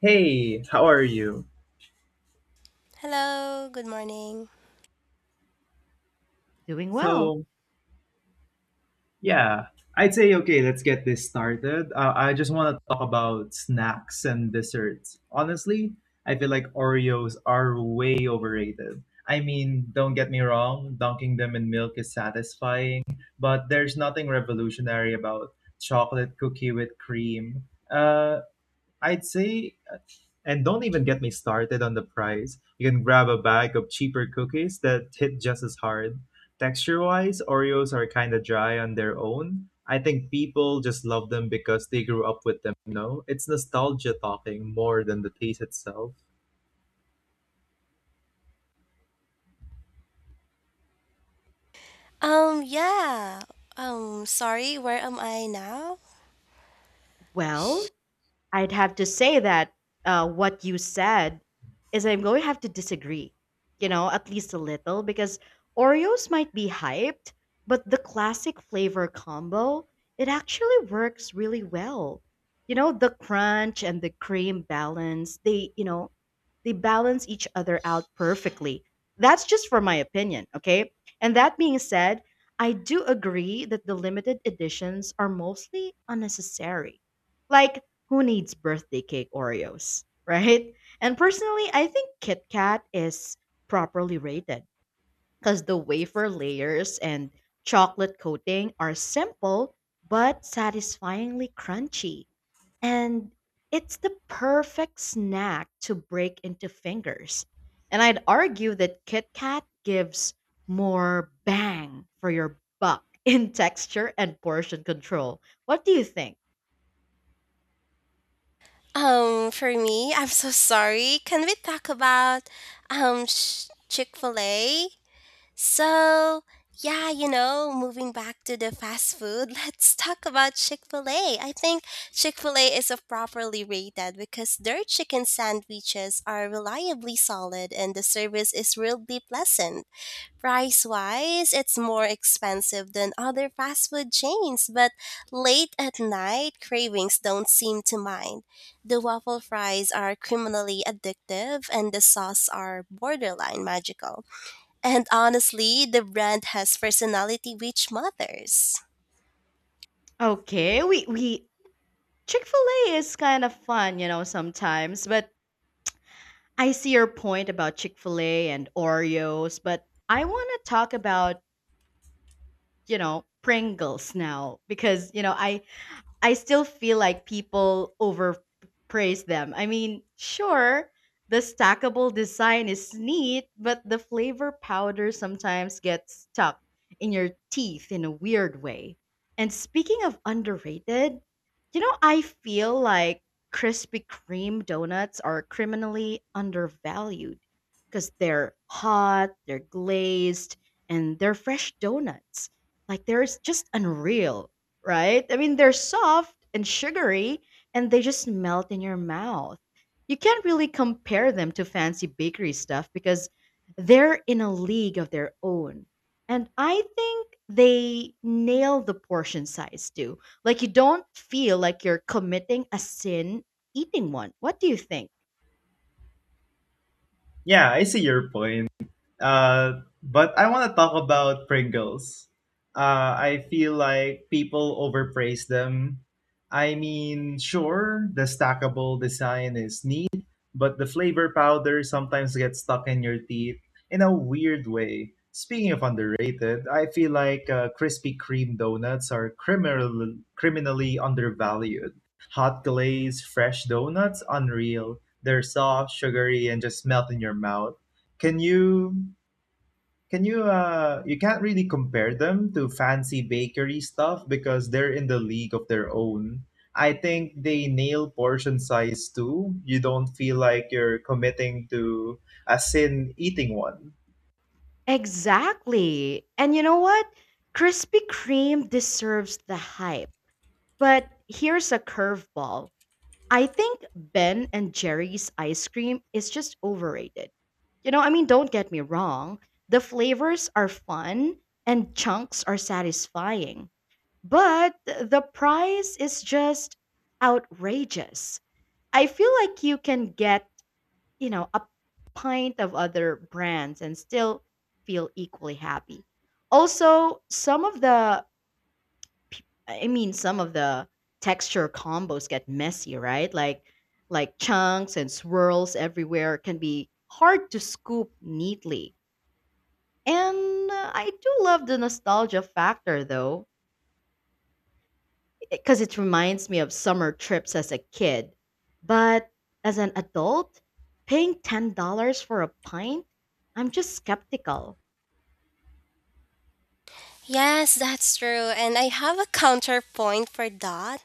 Hey, how are you? Hello, good morning. Doing well. So, yeah, okay, let's get this started. I just want to talk about snacks and desserts. Honestly, I feel like Oreos are way overrated. I mean, don't get me wrong, dunking them in milk is satisfying, but there's nothing revolutionary about chocolate cookie with cream. Uh, I'd say And don't even get me started on the price. You can grab a bag of cheaper cookies that hit just as hard. Texture wise, Oreos are kind of dry on their own. I think people just love them because they grew up with them, you know? It's nostalgia talking more than the taste itself. Um, yeah. Sorry, where am I now? Well, I'd have to say that what you said is I'm going to have to disagree, you know, at least a little, because Oreos might be hyped, but the classic flavor combo, it actually works really well. You know, the crunch and the cream balance, they balance each other out perfectly. That's just for my opinion, okay? And that being said, I do agree that the limited editions are mostly unnecessary. Like, who needs birthday cake Oreos, right? And personally, I think Kit Kat is properly rated because the wafer layers and chocolate coating are simple but satisfyingly crunchy. And it's the perfect snack to break into fingers. And I'd argue that Kit Kat gives more bang for your buck in texture and portion control. What do you think? For me, I'm so sorry. Can we talk about Chick-fil-A? So, moving back to the fast food, let's talk about Chick-fil-A. I think Chick-fil-A is a properly rated because their chicken sandwiches are reliably solid and the service is really pleasant. Price wise, it's more expensive than other fast food chains, but late at night cravings don't seem to mind. The waffle fries are criminally addictive and the sauce are borderline magical. And honestly, the brand has personality which matters. Okay, we Chick-fil-A is kind of fun, you know, sometimes, but I see your point about Chick-fil-A and Oreos, but I want to talk about, you know, Pringles now because, you know, I still feel like people overpraise them. I mean, sure, the stackable design is neat, but the flavor powder sometimes gets stuck in your teeth in a weird way. And speaking of underrated, you know, I feel like Krispy Kreme donuts are criminally undervalued because they're hot, they're glazed, and they're fresh donuts. Like, they're just unreal, right? I mean, they're soft and sugary and they just melt in your mouth. You can't really compare them to fancy bakery stuff because they're in a league of their own. And I think they nail the portion size too. Like you don't feel like you're committing a sin eating one. What do you think? Yeah, I see your point. But I want to talk about Pringles. I feel like people overpraise them. I mean, sure, the stackable design is neat, but the flavor powder sometimes gets stuck in your teeth in a weird way. Speaking of underrated, I feel like Krispy Kreme donuts are criminally undervalued. Hot glaze, fresh donuts, unreal. They're soft, sugary, and just melt in your mouth. Can you can you you can't really compare them to fancy bakery stuff because they're in the league of their own. I think they nail portion size too. You don't feel like you're committing to a sin eating one. Exactly. And you know what? Krispy Kreme deserves the hype. But here's a curveball. I think Ben and Jerry's ice cream is just overrated. You know, I mean, don't get me wrong, the flavors are fun and chunks are satisfying, but the price is just outrageous. I feel like you can get, you know, a pint of other brands and still feel equally happy. Also, some of the texture combos get messy, right? Like chunks and swirls everywhere can be hard to scoop neatly. And I do love the nostalgia factor though, because it reminds me of summer trips as a kid. But as an adult, paying $10 for a pint, I'm just skeptical. Yes, that's true. And I have a counterpoint for that.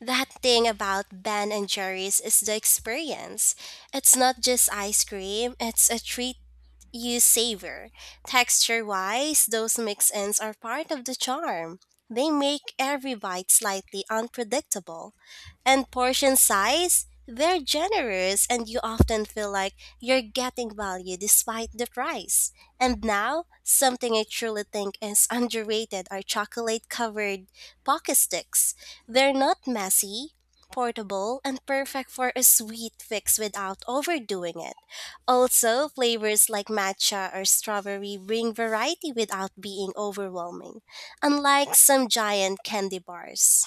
That thing about Ben and Jerry's is the experience. It's not just ice cream, it's a treat you savor. Texture wise, those mix ins are part of the charm. They make every bite slightly unpredictable. And portion size, they're generous and you often feel like you're getting value despite the price. And now, something I truly think is underrated are chocolate covered pocket sticks. They're not messy, portable, and perfect for a sweet fix without overdoing it. Also, flavors like matcha or strawberry bring variety without being overwhelming, unlike some giant candy bars.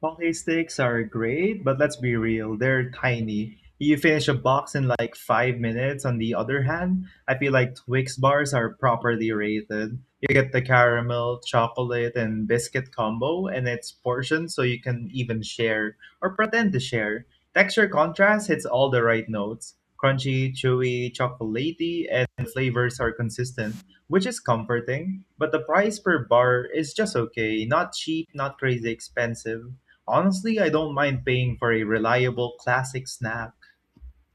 Pocky sticks are great, but let's be real, they're tiny. You finish a box in like 5 minutes. On the other hand, I feel like Twix bars are properly rated. You get the caramel, chocolate, and biscuit combo, and it's portioned so you can even share or pretend to share. Texture contrast hits all the right notes crunchy, chewy, chocolatey, and flavors are consistent, which is comforting. But the price per bar is just okay, not cheap, not crazy expensive. Honestly, I don't mind paying for a reliable classic snack.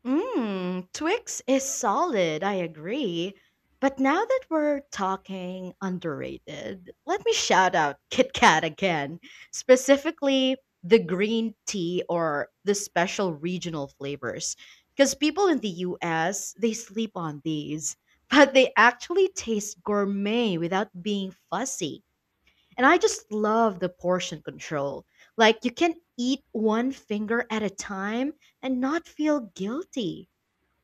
Mmm, Twix is solid, I agree. But now that we're talking underrated, let me shout out Kit Kat again, specifically the green tea or the special regional flavors. Because people in the US, they sleep on these, but they actually taste gourmet without being fussy. And I just love the portion control. Like you can eat one finger at a time and not feel guilty.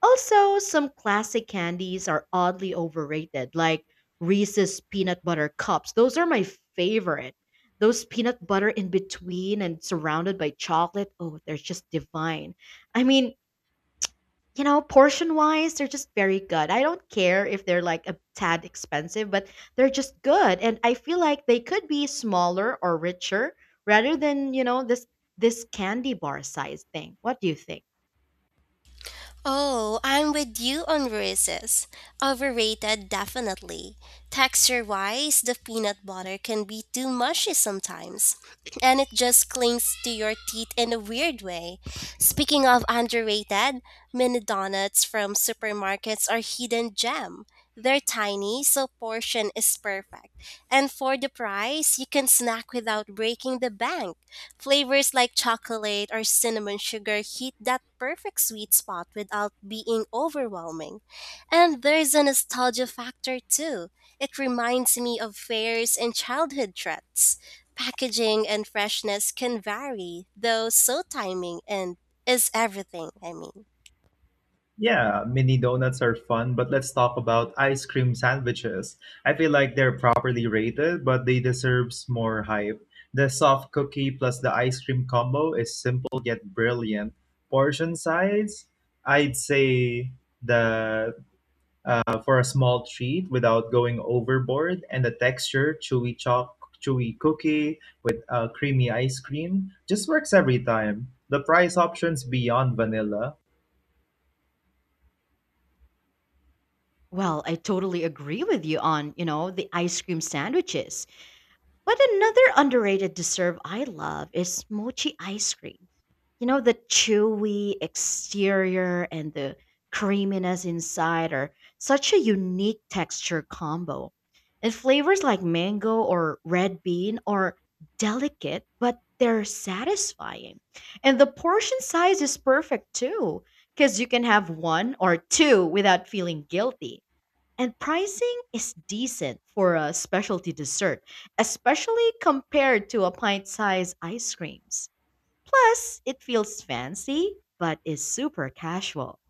Also, some classic candies are oddly overrated, like Reese's peanut butter cups. Those are my favorite. Those peanut butter in between and surrounded by chocolate. Oh, they're just divine. I mean, you know, portion wise, they're just very good. I don't care if they're like a tad expensive, but they're just good. And I feel like they could be smaller or richer rather than, you know, this candy bar size thing. What do you think? Oh, I'm with you on Reese's. Overrated, definitely. Texture wise, the peanut butter can be too mushy sometimes, and it just clings to your teeth in a weird way. Speaking of underrated, mini donuts from supermarkets are hidden gem. They're tiny, so portion is perfect. And for the price, you can snack without breaking the bank. Flavors like chocolate or cinnamon sugar hit that perfect sweet spot without being overwhelming. And there's a nostalgia factor too. It reminds me of fairs and childhood treats. Packaging and freshness can vary, though so timing and is everything, I mean. Yeah, mini donuts are fun, but let's talk about ice cream sandwiches. I feel like they're properly rated, but they deserves more hype. The soft cookie plus the ice cream combo is simple yet brilliant. Portion size, I'd say the for a small treat without going overboard, and the texture, chewy cookie with creamy ice cream, just works every time. The price options beyond vanilla. Well, I totally agree with you on, you know, the ice cream sandwiches. But another underrated dessert I love is mochi ice cream. You know, the chewy exterior and the creaminess inside are such a unique texture combo. And flavors like mango or red bean are delicate, but they're satisfying. And the portion size is perfect too, because you can have one or two without feeling guilty. And pricing is decent for a specialty dessert, especially compared to a pint sized ice creams. Plus, it feels fancy, but is super casual.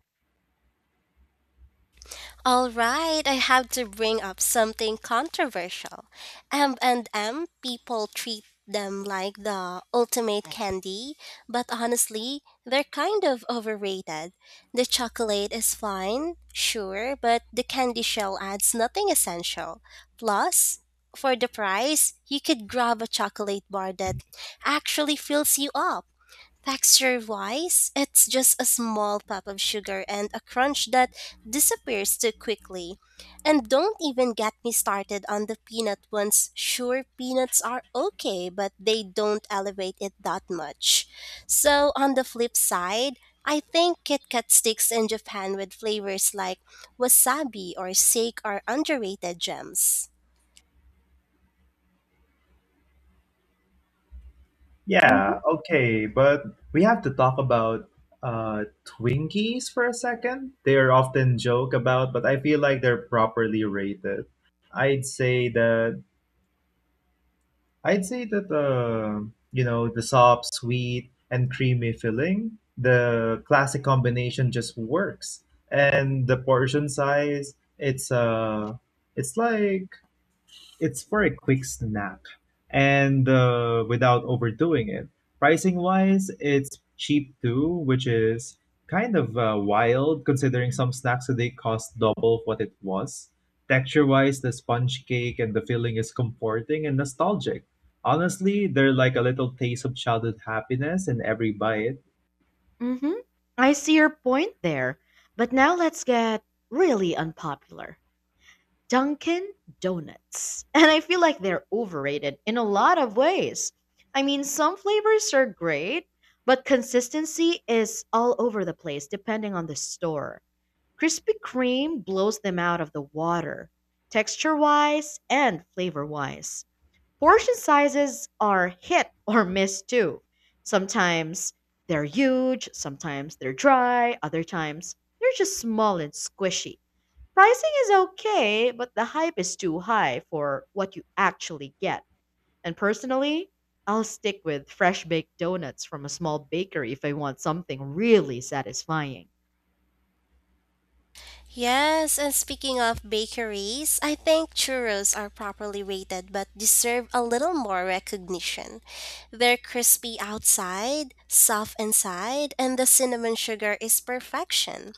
All right, I have to bring up something controversial. M&M people treat them like the ultimate candy, but honestly, they're kind of overrated. The chocolate is fine, sure, but the candy shell adds nothing essential. Plus, for the price, you could grab a chocolate bar that actually fills you up. Texture wise, it's just a small pop of sugar and a crunch that disappears too quickly. And don't even get me started on the peanut ones. Sure, peanuts are okay, but they don't elevate it that much. So, on the flip side, I think Kit Kat sticks in Japan with flavors like wasabi or sake are underrated gems. Mm-hmm. Yeah, okay, but we have to talk about Twinkies for a second. They are often joke about, but I feel like they're properly rated. I'd say that I'd say that You know the soft, sweet, and creamy filling, the classic combination just works, and the portion size, it's like it's for a quick snack and without overdoing it. Pricing wise, it's cheap too, which is kind of wild considering some snacks today cost double what it was. Texture wise, the sponge cake and the filling is comforting and nostalgic. Honestly, they're like a little taste of childhood happiness in every bite. Mm-hmm. I see your point there. But now let's get really unpopular. Dunkin' Donuts. And I feel like they're overrated in a lot of ways. I mean, some flavors are great, but consistency is all over the place depending on the store. Krispy Kreme blows them out of the water, texture wise and flavor wise. Portion sizes are hit or miss too. Sometimes they're huge, sometimes they're dry, other times they're just small and squishy. Pricing is okay, but the hype is too high for what you actually get. And personally, I'll stick with fresh baked donuts from a small bakery if I want something really satisfying. Yes, and speaking of bakeries, I think churros are properly rated but deserve a little more recognition. They're crispy outside, soft inside, and the cinnamon sugar is perfection.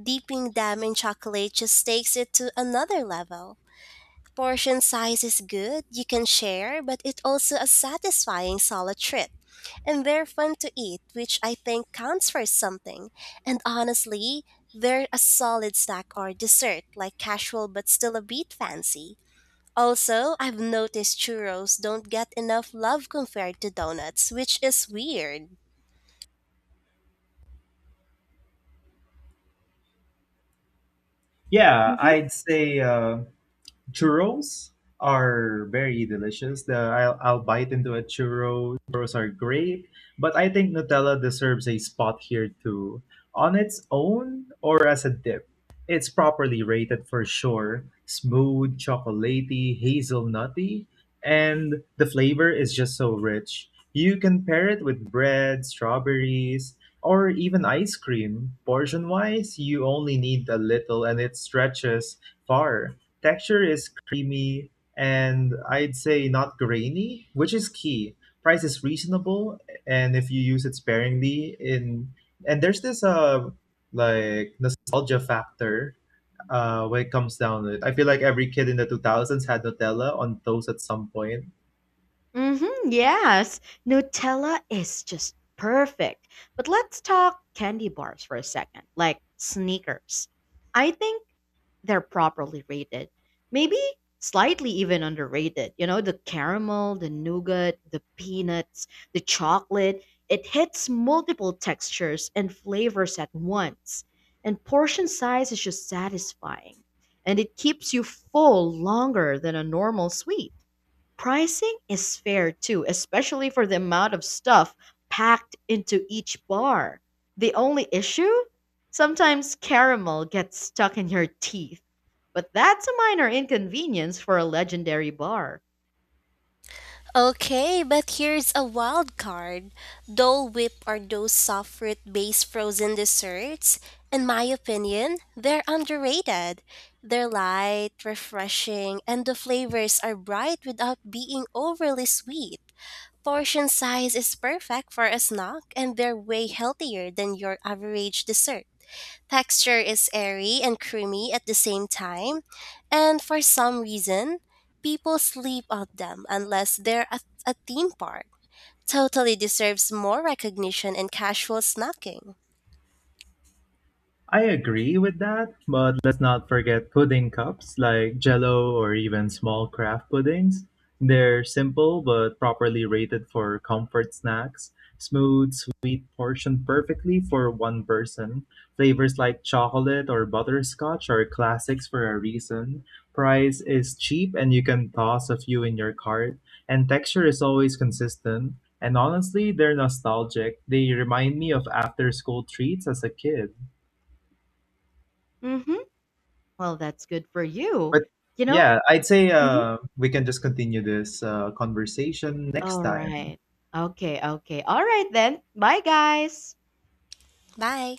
Dipping them in chocolate just takes it to another level. Portion size is good, you can share, but it's also a satisfying solo trip. And they're fun to eat, which I think counts for something. And honestly, they're a solid snack or dessert, like casual but still a bit fancy. Also, I've noticed churros don't get enough love compared to donuts, which is weird. Yeah, I'd say. Churros are very delicious. I'll bite into a churro. Churros are great, but I think Nutella deserves a spot here too, on its own or as a dip. It's properly rated for sure. Smooth, chocolatey, hazelnutty, and the flavor is just so rich. You can pair it with bread, strawberries, or even ice cream. Portion wise, you only need a little and it stretches far. Texture is creamy and I'd say not grainy, which is key. Price is reasonable, and if you use it sparingly, in and there's this like nostalgia factor when it comes down to it. I feel like every kid in the 2000s had Nutella on toast at some point. Mm-hmm, yes, Nutella is just perfect. But let's talk candy bars for a second, like sneakers. I think they're properly rated, maybe slightly even underrated. You know, the caramel, the nougat, the peanuts, the chocolate, it hits multiple textures and flavors at once. And portion size is just satisfying, and it keeps you full longer than a normal sweet. Pricing is fair too, especially for the amount of stuff packed into each bar. The only issue? Sometimes caramel gets stuck in your teeth. But that's a minor inconvenience for a legendary bar. Okay, but here's a wild card. Dole Whip are those soft fruit based frozen desserts. In my opinion, they're underrated. They're light, refreshing, and the flavors are bright without being overly sweet. Portion size is perfect for a snack, and they're way healthier than your average dessert. Texture is airy and creamy at the same time, and for some reason, people sleep on them unless they're at a theme park. Totally deserves more recognition and casual snacking. I agree with that, but let's not forget pudding cups like jello or even small craft puddings. They're simple but properly rated for comfort snacks. Smooth, sweet, portioned perfectly for one person. Flavors like chocolate or butterscotch are classics for a reason. Price is cheap and you can toss a few in your cart. And texture is always consistent. And honestly, they're nostalgic. They remind me of after school treats as a kid. Mm-hmm. Well, that's good for you. But You know? yeah, I'd say Mhm. We can just continue this conversation next All time. right. Okay, okay. All right then. Bye, guys. Bye!